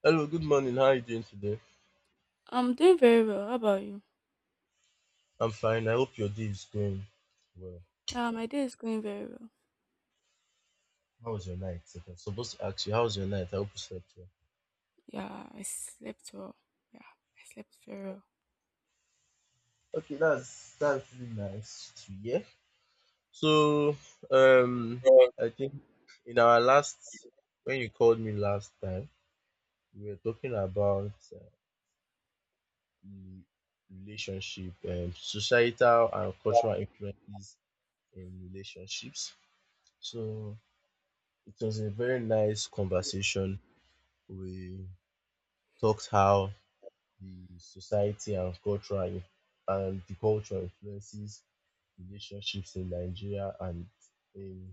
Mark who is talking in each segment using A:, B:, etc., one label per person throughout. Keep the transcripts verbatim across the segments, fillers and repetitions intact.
A: Hello, good morning. How are you doing today?
B: I'm doing very well. How about you?
A: I'm fine. I hope your day is going well.
B: Uh, my day is going very well.
A: How was your night? Okay, I'm supposed to ask you, how was your night? I hope you slept well.
B: Yeah, I slept well. Yeah, I slept very well.
A: Okay, that's that's really nice to hear. So, um, I think in our last, when you called me last time, we were talking about uh, the relationship, um, societal and cultural influences in relationships. So, it was a very nice conversation. We talked how the society and cultural and the culture influences relationships in Nigeria and in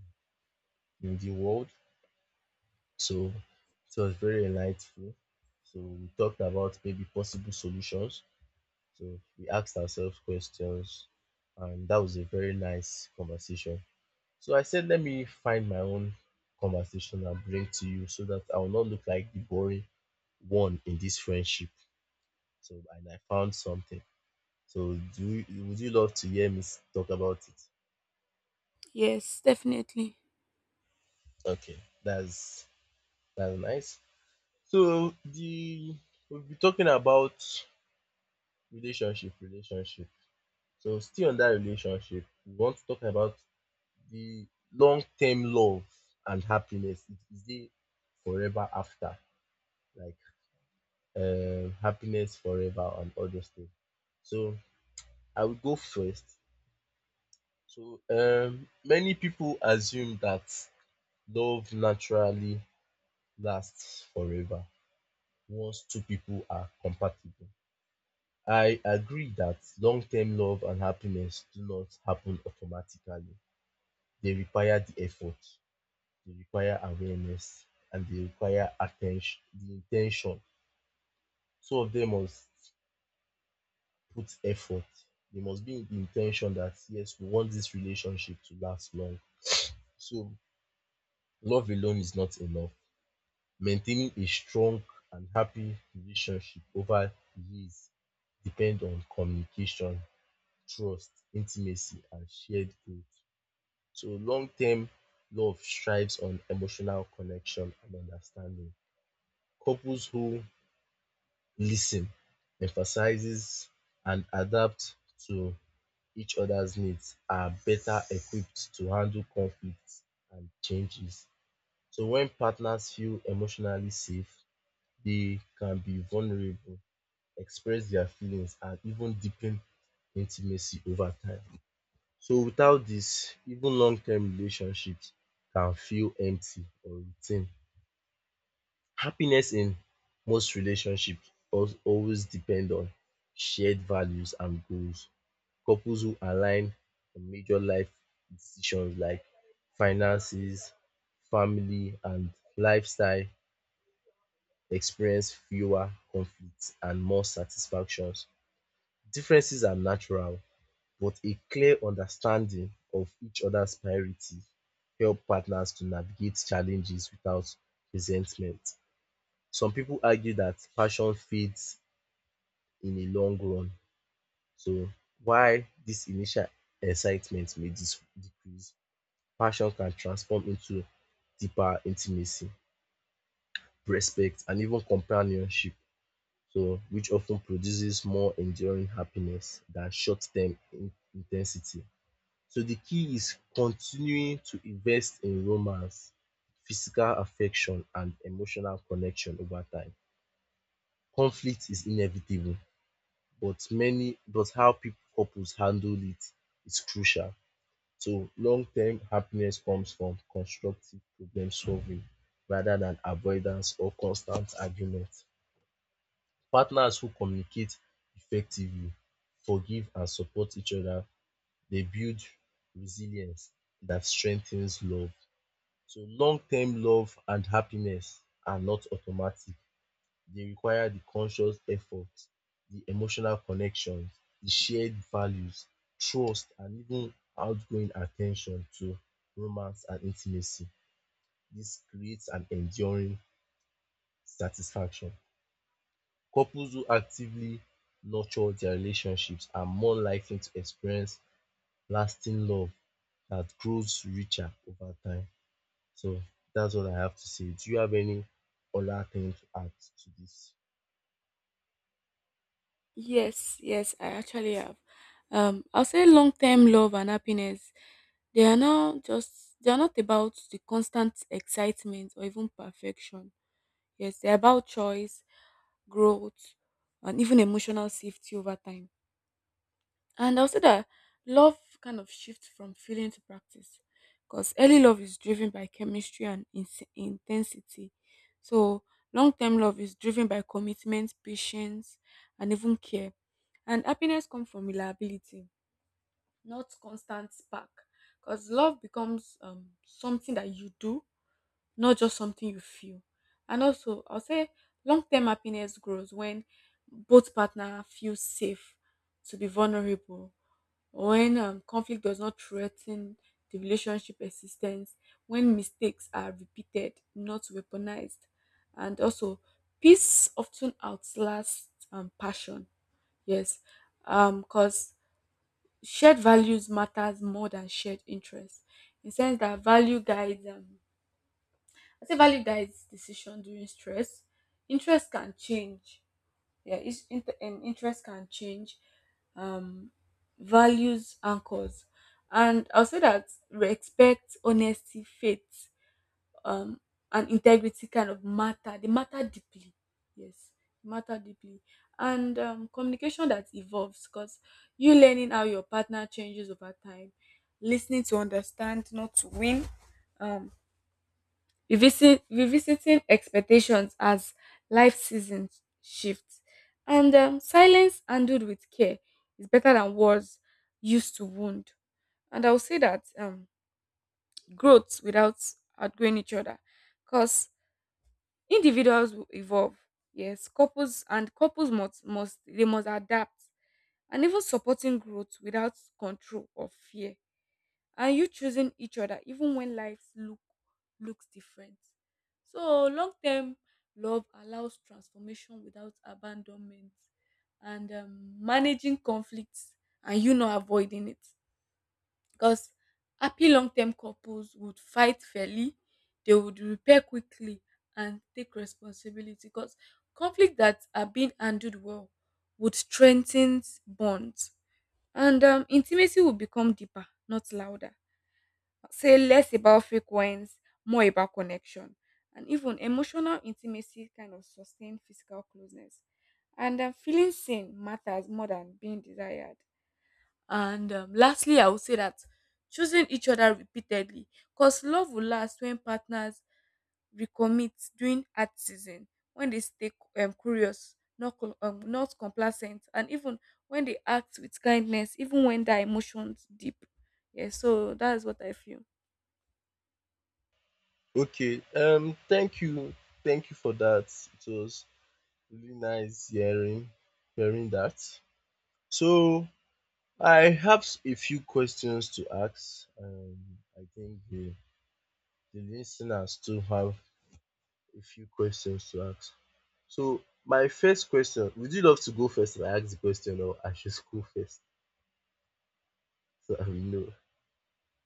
A: in the world. So it was very enlightening. So we talked about maybe possible solutions. So we asked ourselves questions, and that was a very nice conversation. So I said, let me find my own conversation and bring to you so that I will not look like the boring one in this friendship. So and I found something. So do you, would you love to hear me s- talk about it?
B: Yes, definitely.
A: Okay, that's that's nice. So the we'll be talking about relationship, relationship. So still on that relationship, we want to talk about the long-term love and happiness. It is the forever after, like um happiness forever and all those things. So I will go first. So um many people assume that love naturally lasts forever once two people are compatible. I agree that long term love and happiness do not happen automatically. They require the effort, they require awareness, and they require attention, the intention. Two of them must put effort. They must be in the intention that, yes, we want this relationship to last long. So, love alone is not enough. Maintaining a strong and happy relationship over years depend on communication, trust, intimacy, and shared growth. So long-term love strives on emotional connection and understanding. Couples who listen, emphasizes, and adapt to each other's needs are better equipped to handle conflicts and changes. So when partners feel emotionally safe, they can be vulnerable, express their feelings and even deepen intimacy over time. So without this, even long term relationships can feel empty or routine. Happiness in most relationships al- always depend on shared values and goals. Couples who align on major life decisions like finances, family and lifestyle experience fewer conflicts and more satisfactions. Differences are natural, but a clear understanding of each other's priorities help partners to navigate challenges without resentment. Some people argue that passion fades in the long run, so while this initial excitement may dis- decrease, passion can transform into deeper intimacy, respect, and even companionship, so which often produces more enduring happiness than short-term in intensity. So the key is continuing to invest in romance, physical affection and emotional connection over time. Conflict is inevitable but many but how peo couples handle it is crucial. So long-term happiness comes from constructive problem solving rather than avoidance or constant argument. Partners who communicate effectively forgive and support each other, they build resilience that strengthens love. So long-term love and happiness are not automatic. They require the conscious effort, the emotional connections, the shared values, trust and even outgoing attention to romance and intimacy. This creates an enduring satisfaction. Couples who actively nurture their relationships are more likely to experience lasting love that grows richer over time. So that's what I have to say. Do you have any other thing to add to this?
B: Yes, yes, I actually have. Um, I'll say long-term love and happiness. They are now just they are not about the constant excitement or even perfection. Yes, they're about choice, growth, and even emotional safety over time. And I'll say that love kind of shifts from feeling to practice because early love is driven by chemistry and ins- intensity. So long term love is driven by commitment, patience, and even care. And happiness comes from reliability, not constant spark. Because love becomes um, something that you do, not just something you feel. And also, I'll say long term happiness grows when both partner feel safe to be vulnerable when um, conflict does not threaten the relationship existence, when mistakes are repeated not weaponized, and also peace often outlasts um, passion. Yes. Um because shared values matters more than shared interests, in sense that value guides um i say value guides decision during stress. Interest can change. Yeah, is int and interest can change. um Values anchors. And I'll say that respect, honesty, faith, um and integrity kind of matter. They matter deeply. Yes, matter deeply. And um, communication that evolves, because you learning how your partner changes over time, listening to understand, not to win. um Revisit, revisiting expectations as life seasons shift. And um, silence handled with care is better than words used to wound. And I will say that um, growth without outgrowing each other, because individuals will evolve. Yes, couples and couples must must they must adapt, and even supporting growth without control or fear, and you choosing each other even when lives look looks different. So long term love allows transformation without abandonment, and um, managing conflicts and you not avoiding it, because happy long term couples would fight fairly, they would repair quickly and take responsibility, because conflict that are being handled well would strengthen bonds. And um, intimacy will become deeper, not louder. Say less about frequency, more about connection. And even emotional intimacy kind of sustain physical closeness. And um, feeling seen matters more than being desired. And um, lastly, I would say that choosing each other repeatedly, because love will last when partners recommit during hard season, when they stay um, curious, not col- um, not complacent, and even when they act with kindness, even when their emotions deep. Yeah, so that is what I feel.
A: Okay, um, thank you, thank you for that. It was really nice hearing hearing that. So I have s- a few questions to ask. Um, I think the the listeners too have a few questions to ask. So my first question, would you love to go first and I ask the question or I should go first so I will know?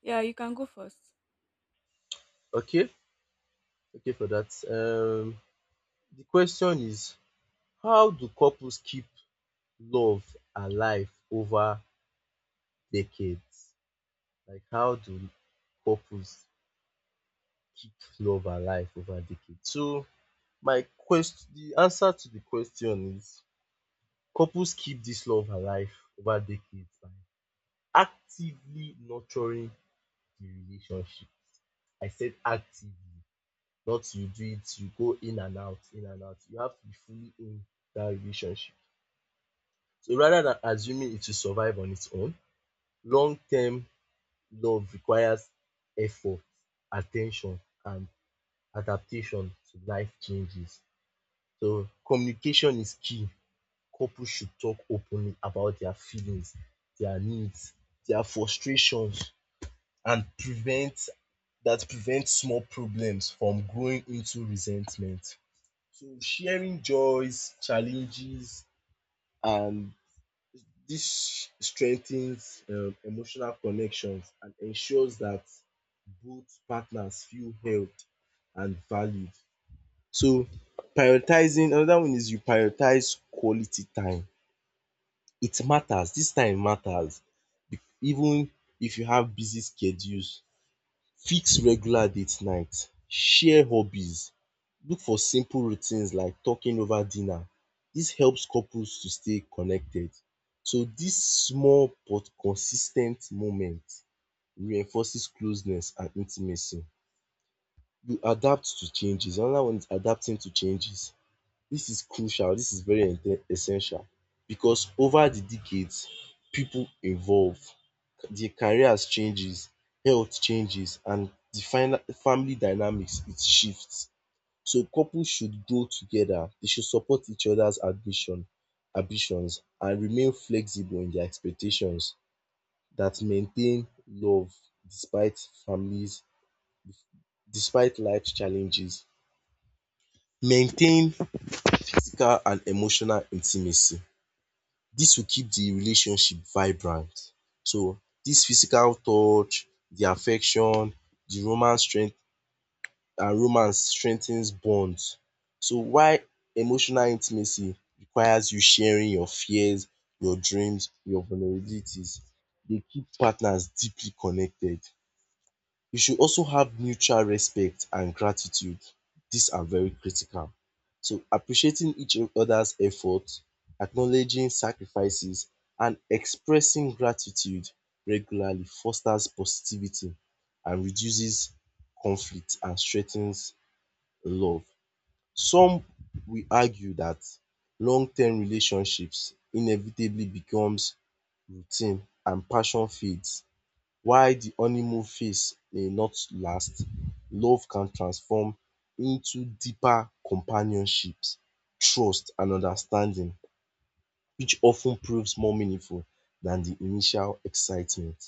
B: Yeah, you can go first.
A: Okay? Okay for that. Um the question is, how do couples keep love alive over decades? Like how do couples keep love alive over decades? So my quest the answer to the question is, couples keep this love alive over decades by actively nurturing the relationship. I said actively, not you do it, you go in and out, in and out. You have to be fully in that relationship. So rather than assuming it will survive on its own, long term love requires effort, attention, and adaptation to life changes. So communication is key. Couples should talk openly about their feelings, their needs, their frustrations, and prevent that prevents small problems from growing into resentment. So sharing joys, challenges and this strengthens um emotional connections and ensures that both partners feel held and valued. So prioritizing, another one is you prioritize quality time. It matters. This time matters even if you have busy schedules, fix regular date nights, share hobbies, look for simple routines like talking over dinner. Dis helps couples to stay connected. So dis small but consis ten t moments reinforces closeness and intimacy. You adapt to changes Another one is adapting to changes. This is crucial, this is very ente- essential, because over the decades, people evolve, their careers changes, health changes and the final family dynamics it shifts. So couples should grow together, they should support each other's ambition ambitions and remain flexible in their expectations that maintain love despite families, despite life challenges. Maintain physical and emotional intimacy. This will keep the relationship vibrant. So this physical touch, the affection, the romance strength and romance strengthens bonds. So while emotional intimacy requires you sharing your fears, your dreams, your vulnerabilities, they keep partners deeply connected. You should also have mutual respect and gratitude. These are very critical. So appreciating each other's effort, acknowledging sacrifices and expressing gratitude regularly fosters positivity and reduces conflict and strengthens love. Some will argue that long term relationships inevitably becomes routine and passion fades. While the honeymoon phase may not last, love can transform into deeper companionship, trust and understanding, which of ten proves more meaningful than the initial excitement.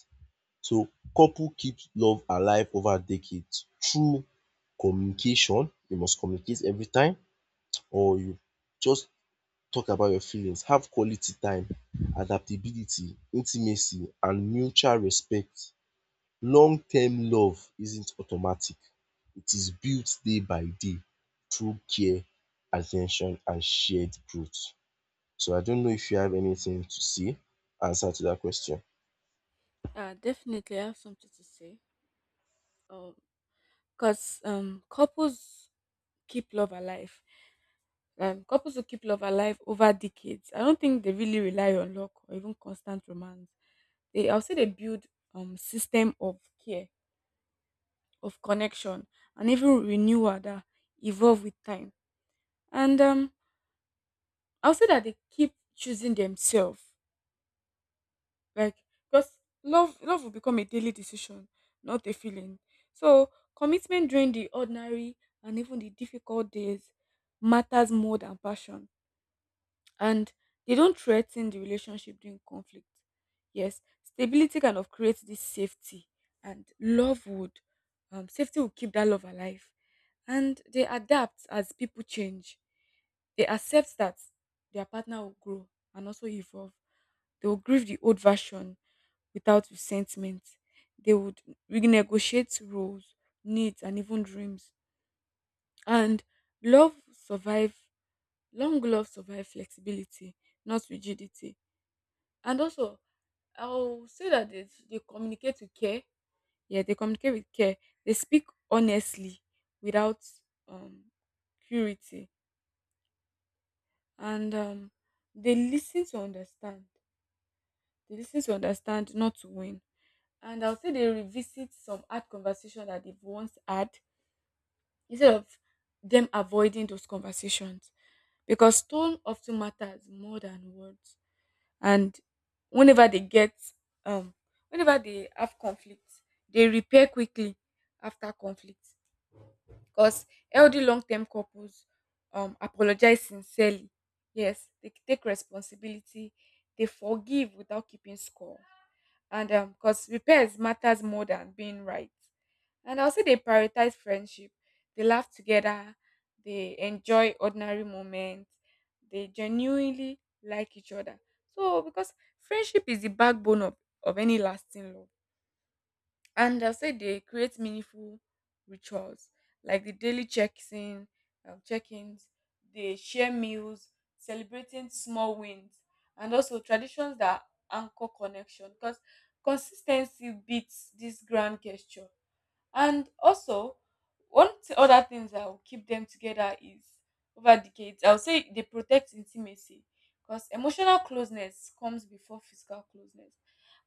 A: So couple keep love alive over decades through communication. You must communicate every time, or you just talk about your feelings, have quality time, adaptability, intimacy and mutual respect. Long-term love isn't automatic. It is built day by day through care, attention, and shared growth. So I don't know if you have anything to say, answer to that question.
B: Yeah, definitely, I have something to say. Um, because um, couples keep love alive. Um, couples who keep love alive over decades, I don't think they really rely on luck or even constant romance. They, I'll say, they build um system of care, of connection, and even renewal that evolve with time. And um, I'll say that they keep choosing themselves. Like, because love love will become a daily decision, not a feeling. So commitment during the ordinary and even the difficult days matters more than passion. And they don't threaten the relationship during conflict. Yes, stability kind of creates this safety, and love would um, safety will keep that love alive. And they adapt as people change. They accept that their partner will grow and also evolve. They will grieve the old version without resentment. They would renegotiate roles, needs, and even dreams. And love survive Long gloves survive flexibility, not rigidity. And also, I'll say that they, they communicate with care. Yeah, they communicate with care. They speak honestly without um purity. And um they listen to understand. They listen to understand, not to win. And I'll say they revisit some hard conversation that they've once had instead of them avoiding those conversations. Because tone often matters more than words. And whenever they get um whenever they have conflict, they repair quickly after conflict, because healthy long-term couples um apologize sincerely. Yes, they take responsibility, they forgive without keeping score. And um because repairs matters more than being right. And I'll say they prioritize friendship. They laugh together, they enjoy ordinary moments, they genuinely like each other. So, because friendship is the backbone of, of any lasting love. And I'll say they create meaningful rituals like the daily checks in, um, check ins, they share meals, celebrating small wins, and also traditions that anchor connection, because consistency beats this grand gesture. And also, one t- other things that will keep them together is over decades. I'll say they protect intimacy, because emotional closeness comes before physical closeness,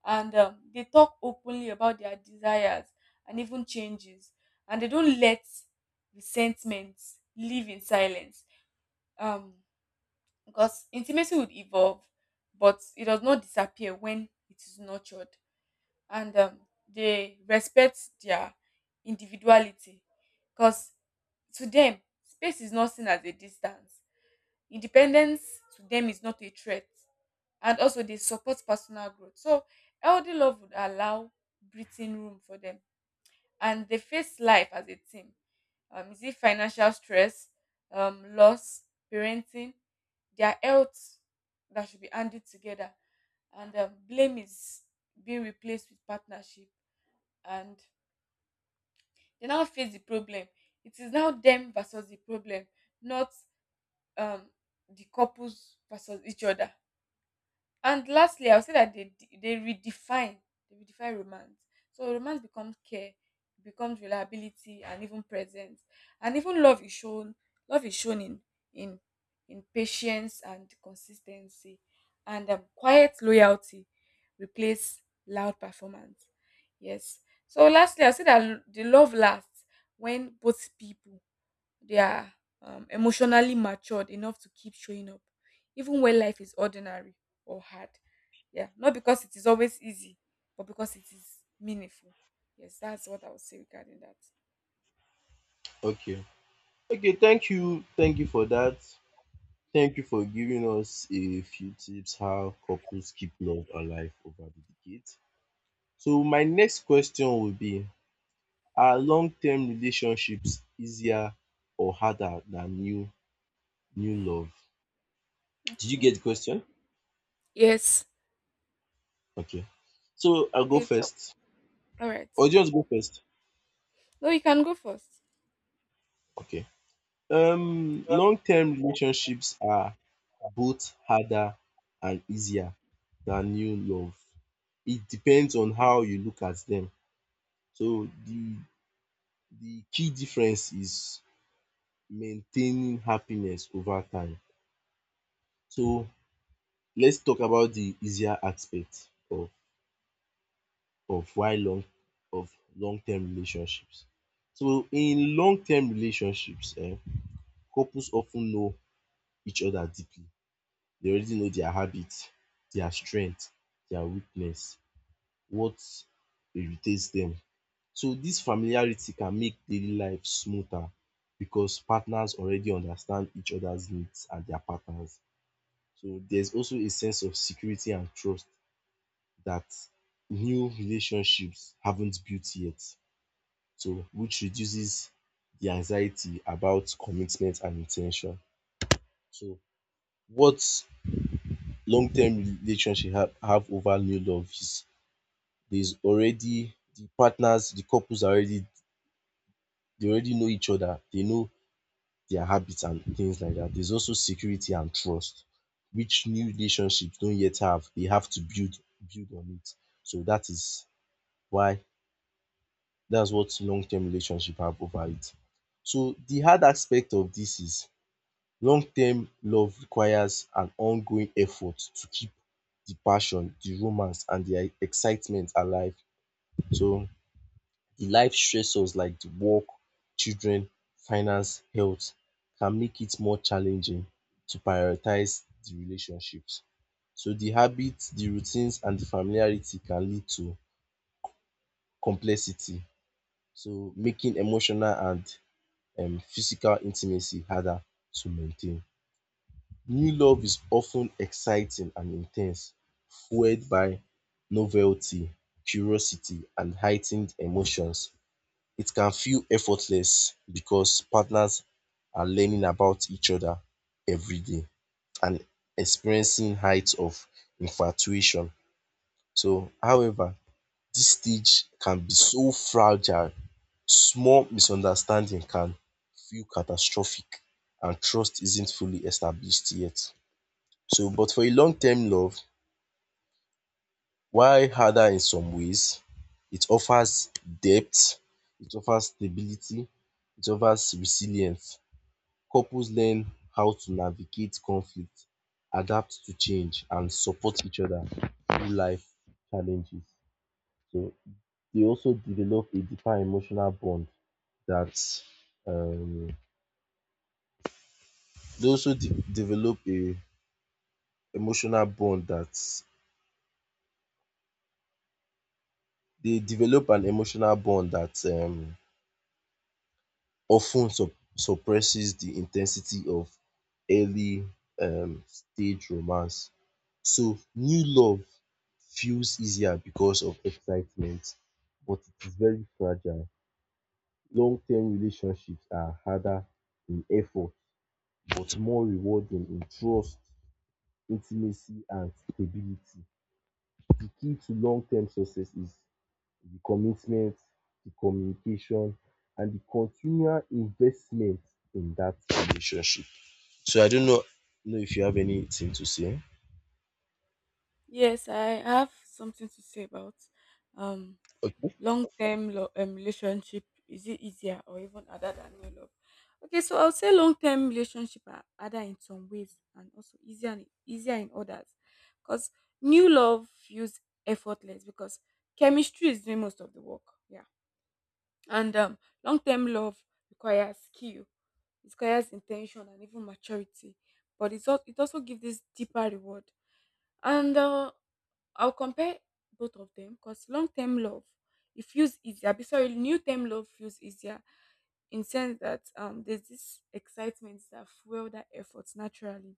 B: and um, they talk openly about their desires and even changes, and they don't let resentment live in silence. Um, because intimacy would evolve, but it does not disappear when it is nurtured. And um, they respect their individuality, because to them space is not seen as a distance, independence to them is not a threat. And also they support personal growth, so healthy love would allow breathing room for them. And they face life as a team. Um, is it financial stress, um, loss, parenting, their health, that should be handled together. And um, blame is being replaced with partnership, and they now face the problem. It is now them versus the problem, not um the couples versus each other. And lastly, I'll say that they de- they redefine they redefine romance. So romance becomes care, it becomes reliability and even presence. And even love is shown love is shown in in in patience and consistency. And um, quiet loyalty replace loud performance. Yes. So lastly, I'll say that l- the love lasts when both people they are um, emotionally matured enough to keep showing up, even when life is ordinary or hard. Yeah, not because it is always easy, but because it is meaningful. Yes, that's what I would say regarding that.
A: Okay. Okay, thank you. Thank you for that. Thank you for giving us a few tips how couples keep love alive over the decades. So my next question will be, are long-term relationships easier or harder than new new love? Did you get
B: Okay.
A: the question?
B: Yes.
A: Okay. So I'll go
B: Okay. So,
A: first.
B: all right.
A: Or just go first.
B: No, you can go first.
A: Okay. Um long-term relationships are both harder and easier than new love. It depends on how you look at them. So the the key difference is maintaining happiness over time. So let's talk about the easier aspect of of why long of long-term relationships. So in long-term relationships, eh, couples often know each other deeply. They already know their habits, their strength, their weakness, what irritates them. So this familiarity can make daily life smoother because partners already understand each other's needs and their patterns. So there's also a sense of security and trust that new relationships haven't built yet, So which reduces the anxiety about commitment and in ten tion. So what long-term relationship have, have over new love is, there's already the partners, the couples are already, they already know each other, they know their habits and things like that. There's also security and trust, which new relationships don't yet have. They have to build build on it. So that is why that's what long-term relationship have over it. So the hard aspect of this is, long-term love requires an ongoing effort to keep the passion, the romance and the excitement alive. So the life stressors like the work, children, finance, health can make it more challenging to prioritize the relationships. So the habits, the routines and the familiarity can lead to complexity, so making emotional and um physical intimacy harder to maintain. New love is often exciting and intense, fueled by novelty, curiosity, and heightened emotions. It can feel effortless because partners are learning about each other every day and experiencing heights of infatuation. So, however, this stage can be so fragile. Small misunderstanding can feel catastrophic and trust isn't fully established yet. So, but for a long-term love, while harder in some ways, it offers depth, it offers stability, it offers resilience. Couples learn how to navigate conflict, adapt to change and support each other through life challenges. So they also develop a deeper emotional bond that um they also de develop a emotional bond that they develop an emotional bond that um often ten suppresses the intensity of early um stage romance. So new love feels easier because of excitement, but it is very fragile. Long-term relationships are harder in effort but more rewarding in trust, intimacy and stability. The key to long-term success is the commitment, the communication and the continual investment in that relationship. So I don't know know if you have anything to say.
B: Yes, I have something to say about um
A: Okay.
B: long-term lo- um, relationship. Is it easier or even harder than new love? Okay, so I'll say long-term relationship are harder in some ways and also easier in- easier in others. Because new love feels effortless because chemistry is doing most of the work. Yeah. And um, long term love requires skill, it requires intention and even maturity, but it's al- it also gives this deeper reward. And uh, I'll compare both of them. Because long term love it feels easier. Be sorry, new term love feels easier, in sense that um there's this excitement that fuel that efforts naturally,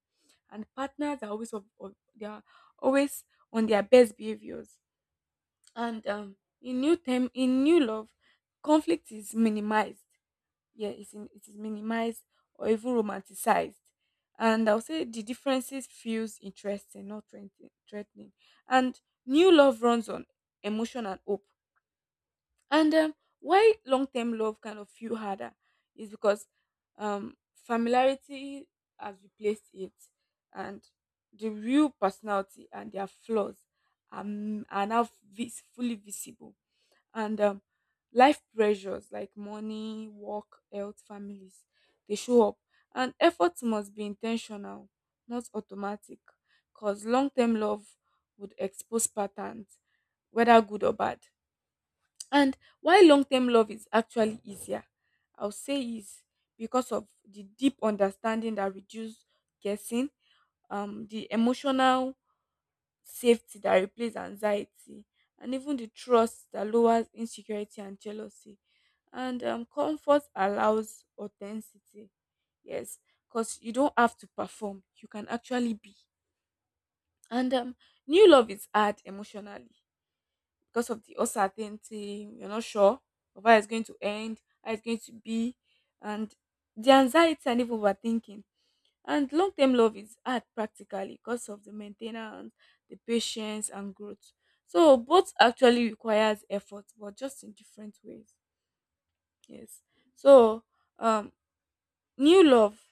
B: and partners are always of, of- they are always on their best behaviors. And um, in new term in new love, conflict is minimized. Yeah, it's in, it is minimized or even romanticized. And I'll say the differences feels interesting, not threatening threatening. And new love runs on emotion and hope. And um, why long-term love kind of feel harder is because um, familiarity has replaced it, and the real personality and their flaws are, m- are now vis- fully visible. And um, life pressures like money, work, health, families, they show up, and efforts must be intentional, not automatic, because long-term love would expose patterns, whether good or bad. And why long-term love is actually easier, I'll say, is because of the deep understanding that reduces guessing, um the emotional safety that replaces anxiety, and even the trust that lowers insecurity and jealousy. And um, comfort allows authenticity. Yes, because you don't have to perform, you can actually be. And um, new love is hard emotionally because of the uncertainty. You're not sure of how it's going to end, how it's going to be, and the anxiety and even overthinking. And long term love is hard practically because of the maintenance, the patience, and growth. So both actually requires effort, but just in different ways. Yes. So um, new love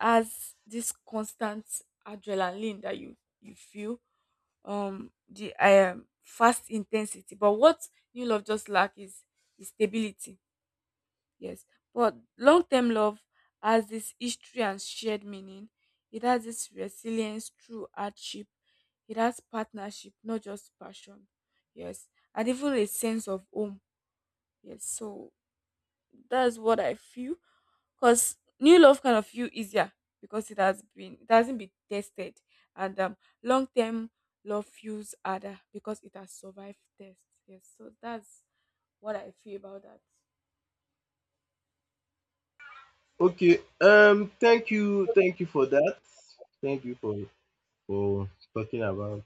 B: has this constant adrenaline that you you feel, um the um fast intensity. But what new love just lack is, is stability. Yes. But long term love has this history and shared meaning. It has this resilience through hardship. It has partnership, not just passion. Yes. And even a sense of home. Yes. So that's what I feel. Because new love kind of feel easier because it has been it hasn't been tested. And um long term love feels harder because it has survived tests. Yes. So that's what I feel about that.
A: Okay. Um. Thank you. Thank you for that. Thank you for for talking about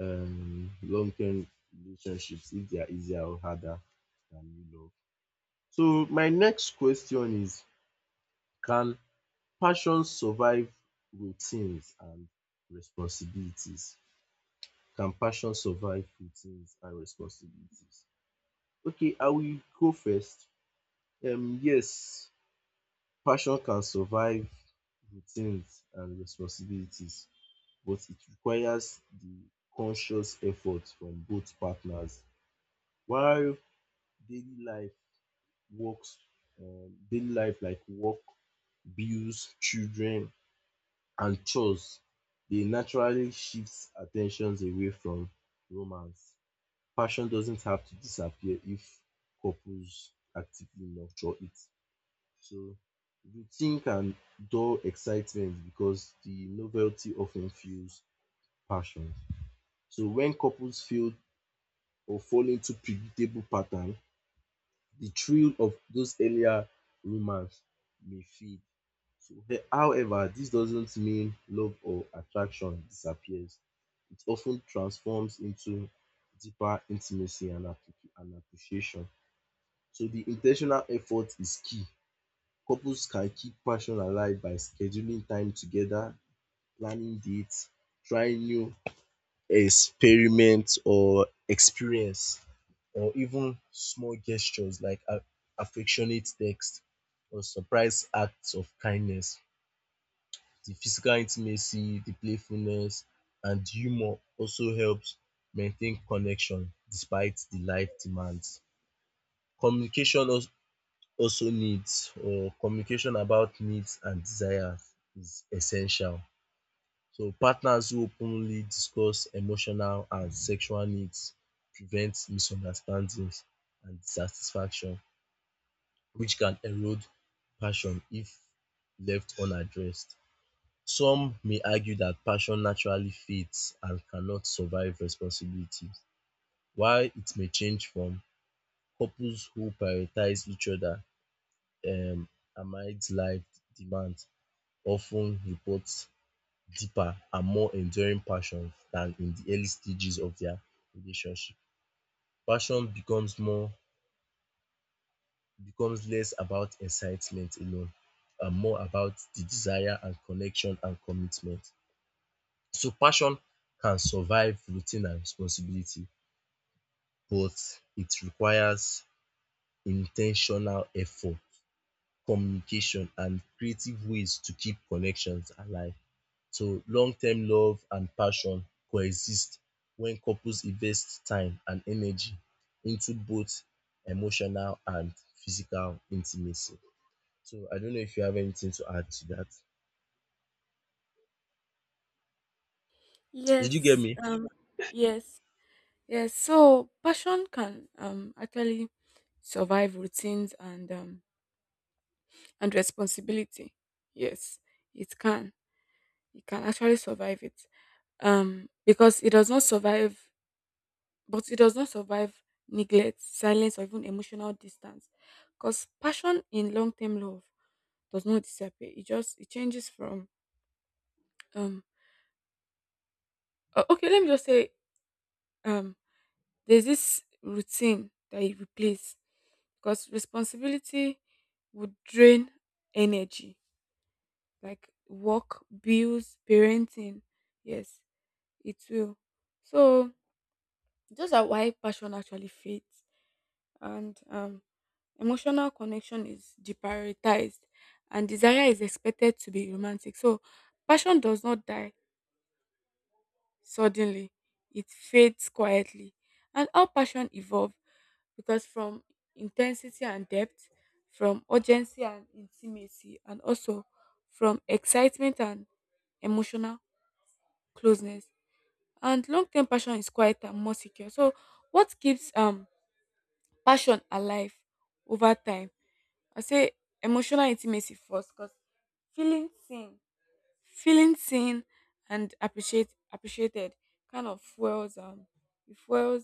A: um long term relationships if they are easier or harder than you love. So my next question is: can passion survive routines and responsibilities? Can passion survive routines and responsibilities? Okay, I will go first. Um. Yes. Passion can survive routines and responsibilities, but it requires the conscious effort from both partners. While daily life works um daily life like work, bills, children and chores dey naturally shifts attentions away from romance. Passion doesn't have to disappear if couples actively nurture it. So routine can dull excitement because the novelty often fuels passion. So when couples fail or fall into predictable pattern, the thrill of those earlier romance may fade. So he- however, this doesn't mean love or attraction disappears. It often transforms into deeper intimacy and appre- and appreciation. So the intentional effort is key. Couples can keep passion alive by scheduling time together, planning dates, trying new experiments or experience or even small gestures like a- affectionate text or surprise acts of kindness. The physical intimacy, the playfulness and humor also helps maintain connection despite the life demands. Communication also also needs or Communication about needs and desires is essential. So partners who openly discuss emotional and sexual needs prevent misunderstandings and dissatisfaction which can erode passion if left unaddressed. Some may argue that passion naturally fades and cannot survive responsibilities, while it may change from couples who prioritize each other um amid life demands often reports deeper and more enduring passions than in the early stages of their relationship. Passion becomes more becomes less about excitement alone and more about the desire and connection and commitment. So passion can survive routine and responsibility but it requires intentional effort, communication and creative ways to keep connections alive. So long-term love and passion coexist when couples invest time and energy into both emotional and physical intimacy. So I don't know if you have anything to add to that. Did you get
B: Yes,
A: me?
B: um, yes, yes. So passion can um actually survive routines and um and responsibility. Yes, it can. It can actually survive it. Um, because it does not survive, but It does not survive neglect, silence, or even emotional distance. Because passion in long-term love does not disappear. It just it changes from Um. o- Okay. Let me just say. Um. There's this routine that you replace because responsibility would drain energy, like work, bills, parenting. Yes, it will. So those are why passion actually fades, and um, emotional connection is deprioritized, and desire is expected to be romantic. So passion does not die suddenly, it fades quietly, and how passion evolves because from intensity and depth, from urgency and intimacy, and also from excitement and emotional closeness. And long term passion is quiet and more secure. So, what keeps um passion alive over time? I say emotional intimacy first because feeling seen Feeling seen and appreciate appreciated kind of fuels um it fuels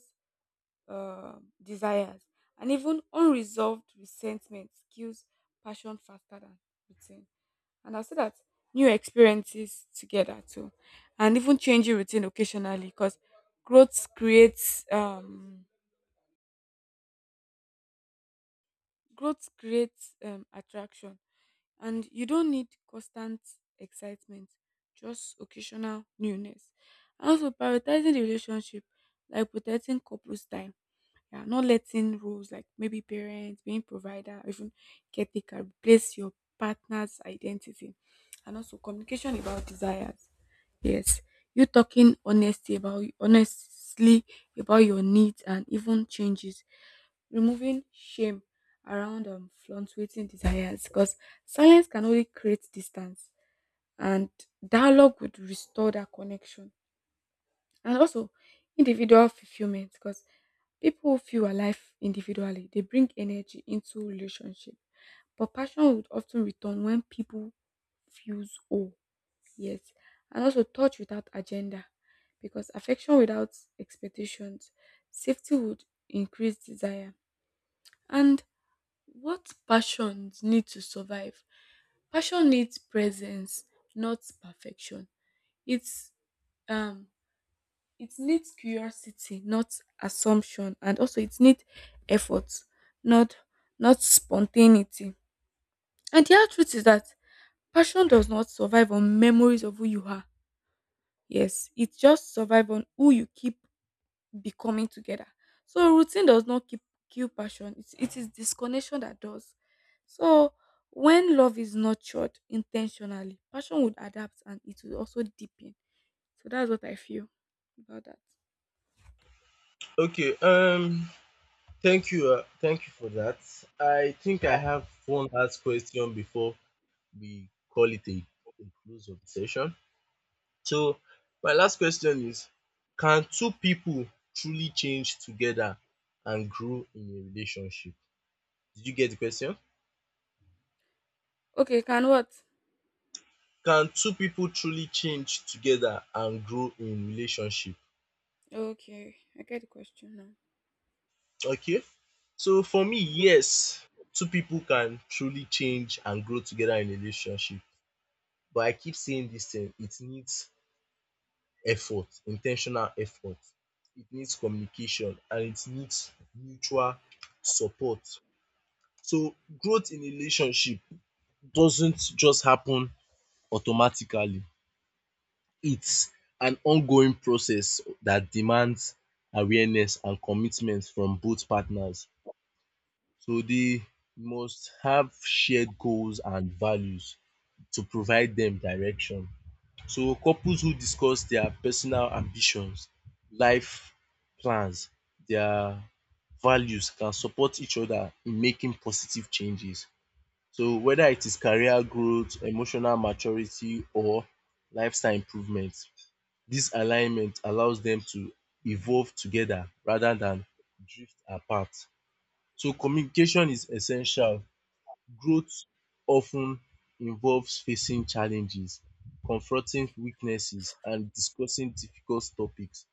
B: uh, desires, and even unresolved resentment kills passion faster than routine. And I say that new experiences together too, and even changing routine occasionally because growth creates um Growth creates um, attraction, and you don't need constant excitement, just occasional newness. And also, prioritizing the relationship, like protecting couples' time. Yeah, not letting roles like maybe parents, being provider, or even caretaker replace your partner's identity. And also, communication about desires. Yes, you talking honesty about honestly about your needs and even changes, removing shame around um fluctuating desires, because silence can only create distance, and dialogue would restore that connection, and also individual fulfillment, because people who feel alive individually they bring energy into relationship, but passion would often return when people feels whole. Yes. And also touch without agenda, because affection without expectations, safety would increase desire. And what passions need to survive? Passion needs presence, not perfection. It's um it needs curiosity, not assumption, and also it needs effort, not not spontaneity. And the hard truth is that passion does not survive on memories of who you are. Yes, it just survive on who you keep becoming together. So routine does not keep kill passion. It, it is disconnection that does. So when love is nurtured intentionally, passion would adapt and it will also deepen. So that's what I feel about that.
A: Okay, um thank you uh, thank you for that. I think I have one last question before we call it a, a close of the session. So my last question is: can two people truly change together and grow in a relationship? Did you get the question?
B: Okay, can what?
A: Can two people truly change together and grow in relationship?
B: Okay, I get the question now.
A: Okay, so for me yes, two people can truly change and grow together in a relationship, but I keep saying dis thing: it needs effort, intentional effort, it needs communication and it needs mutual support. So growth in a relationship doesn't just happen automatically. It's an ongoing process that demands awareness and commitment from both partners. So they must have shared goals and values to provide them direction. So couples who discuss their personal ambitions, life plans, their values can support each other in making positive changes. So whether it is career growth, emotional maturity or lifestyle improvement, this alignment allows them to evolve together rather than drift apart. So communication is essential. Growth often involves facing challenges, confronting weaknesses and discussing difficult topics.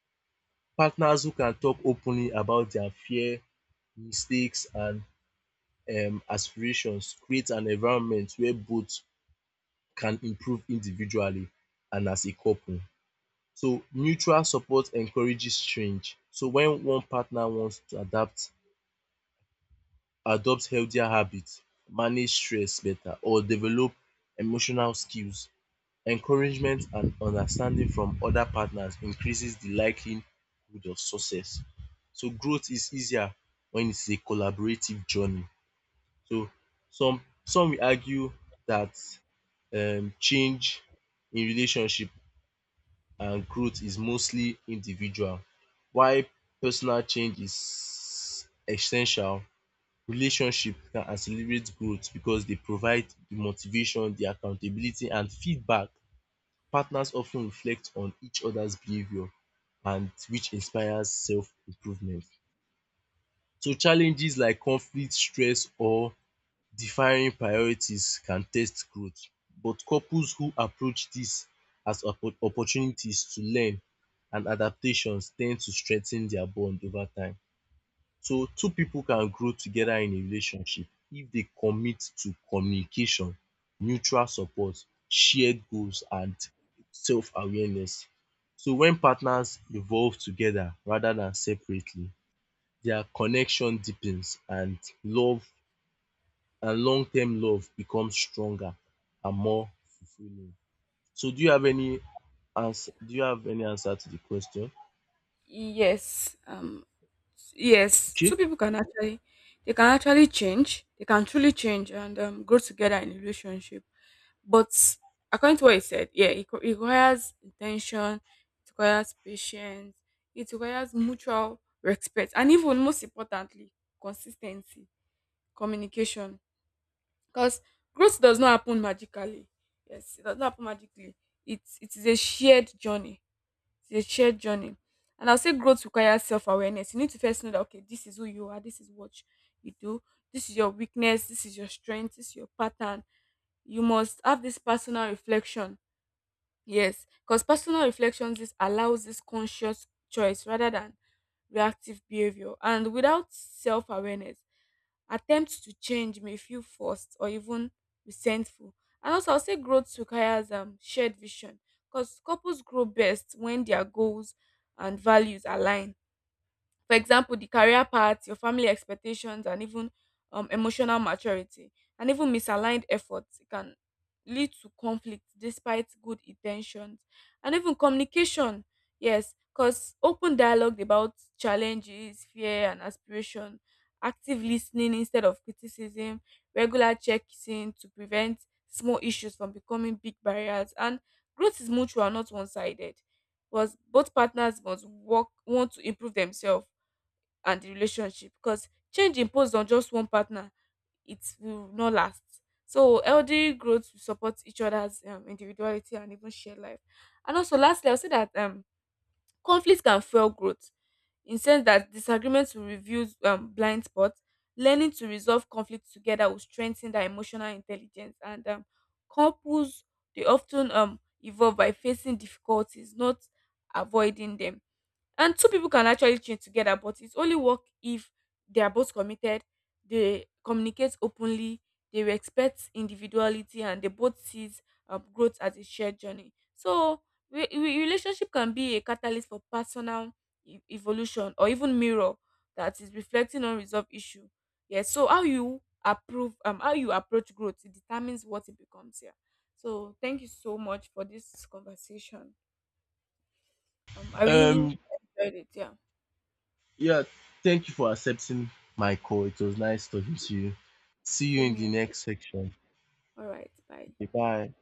A: Partners who can talk openly about their fear, mistakes and um aspirations create an environment where both can improve individually and as a couple. So mutual support encourages change. So when one partner wants to adapt, adopt healthier habits, manage stress better or develop emotional skills, encouragement and understanding from other partners increases the likelihood of success. So growth is easier when it's a collaborative journey. So some some will argue that um change in relationship and growth is mostly individual. While personal change is essential, relationship can accelerate growth because they provide the motivation, the accountability and feedback. Partners often reflect on each other's behavior and which inspires self-improvement. So challenges like conflict, stress or defining priorities can test growth, but couples who approach this as oppo- opportunities to learn and adaptations tend to strengthen their bond over time. So two people can grow together in a relationship if they commit to communication, mutual support, shared goals and self-awareness. So when partners evolve together rather than separately, their connection deepens and love and long-term love becomes stronger and more fulfilling. So do you have any answer do you have any answer to the question?
B: Yes. Um yes. Two
A: Okay.
B: people can actually They can actually change. They can truly change and um, grow together in a relationship. But according to what he said, yeah, it, co- it requires intention, it requires patience, it requires mutual respect, and even most importantly, consistency, communication. Because growth does not happen magically. Yes, it does not happen magically. It, it is a shared journey. It's a shared journey. And I'll say growth requires self awareness. You need to first know that, okay, this is who you are, this is what you do, this is your weakness, this is your strength, this is your pattern. You must have this personal reflection. Yes, because personal reflections this allows this conscious choice rather than reactive behavior. And without self awareness, attempts to change may feel forced or even resentful. And also, I'll say growth requires um, shared vision, because couples grow best when their goals and values align. For example, the career path, your family expectations, and even um, emotional maturity, and even misaligned efforts can lead to conflict despite good intentions, and even communication. Yes, because open dialogue about challenges, fear, and aspiration, active listening instead of criticism, regular checks in to prevent small issues from becoming big barriers, and growth is mutual, not one sided. Was both partners must work want to improve themselves and the relationship, because change imposed on just one partner it will not last. So healthy growth will support each other's um, individuality and even shared life. And also lastly I'll say that um conflict can fuel growth, in sense that disagreements will reveal um, blind spots. Learning to resolve conflict together will strengthen their emotional intelligence, and um, couples they often um evolve by facing difficulties, not avoiding them. And two people can actually train together, but it's only work if they are both committed, they communicate openly, they respect individuality, and they both sees um, growth as a shared journey. So re- re- relationship can be a catalyst for personal e- evolution, or even mirror that is reflecting unresolved issue. Yes. So how you approve um how you approach growth it determines what it becomes, yeah. So thank you so much for this conversation. um I really enjoyed
A: Um
B: it, yeah.
A: yeah, thank you for accepting my call. It was nice talking to you. See you
B: Same
A: in the
B: here.
A: next section.
B: All right. Bye.
A: Okay, bye.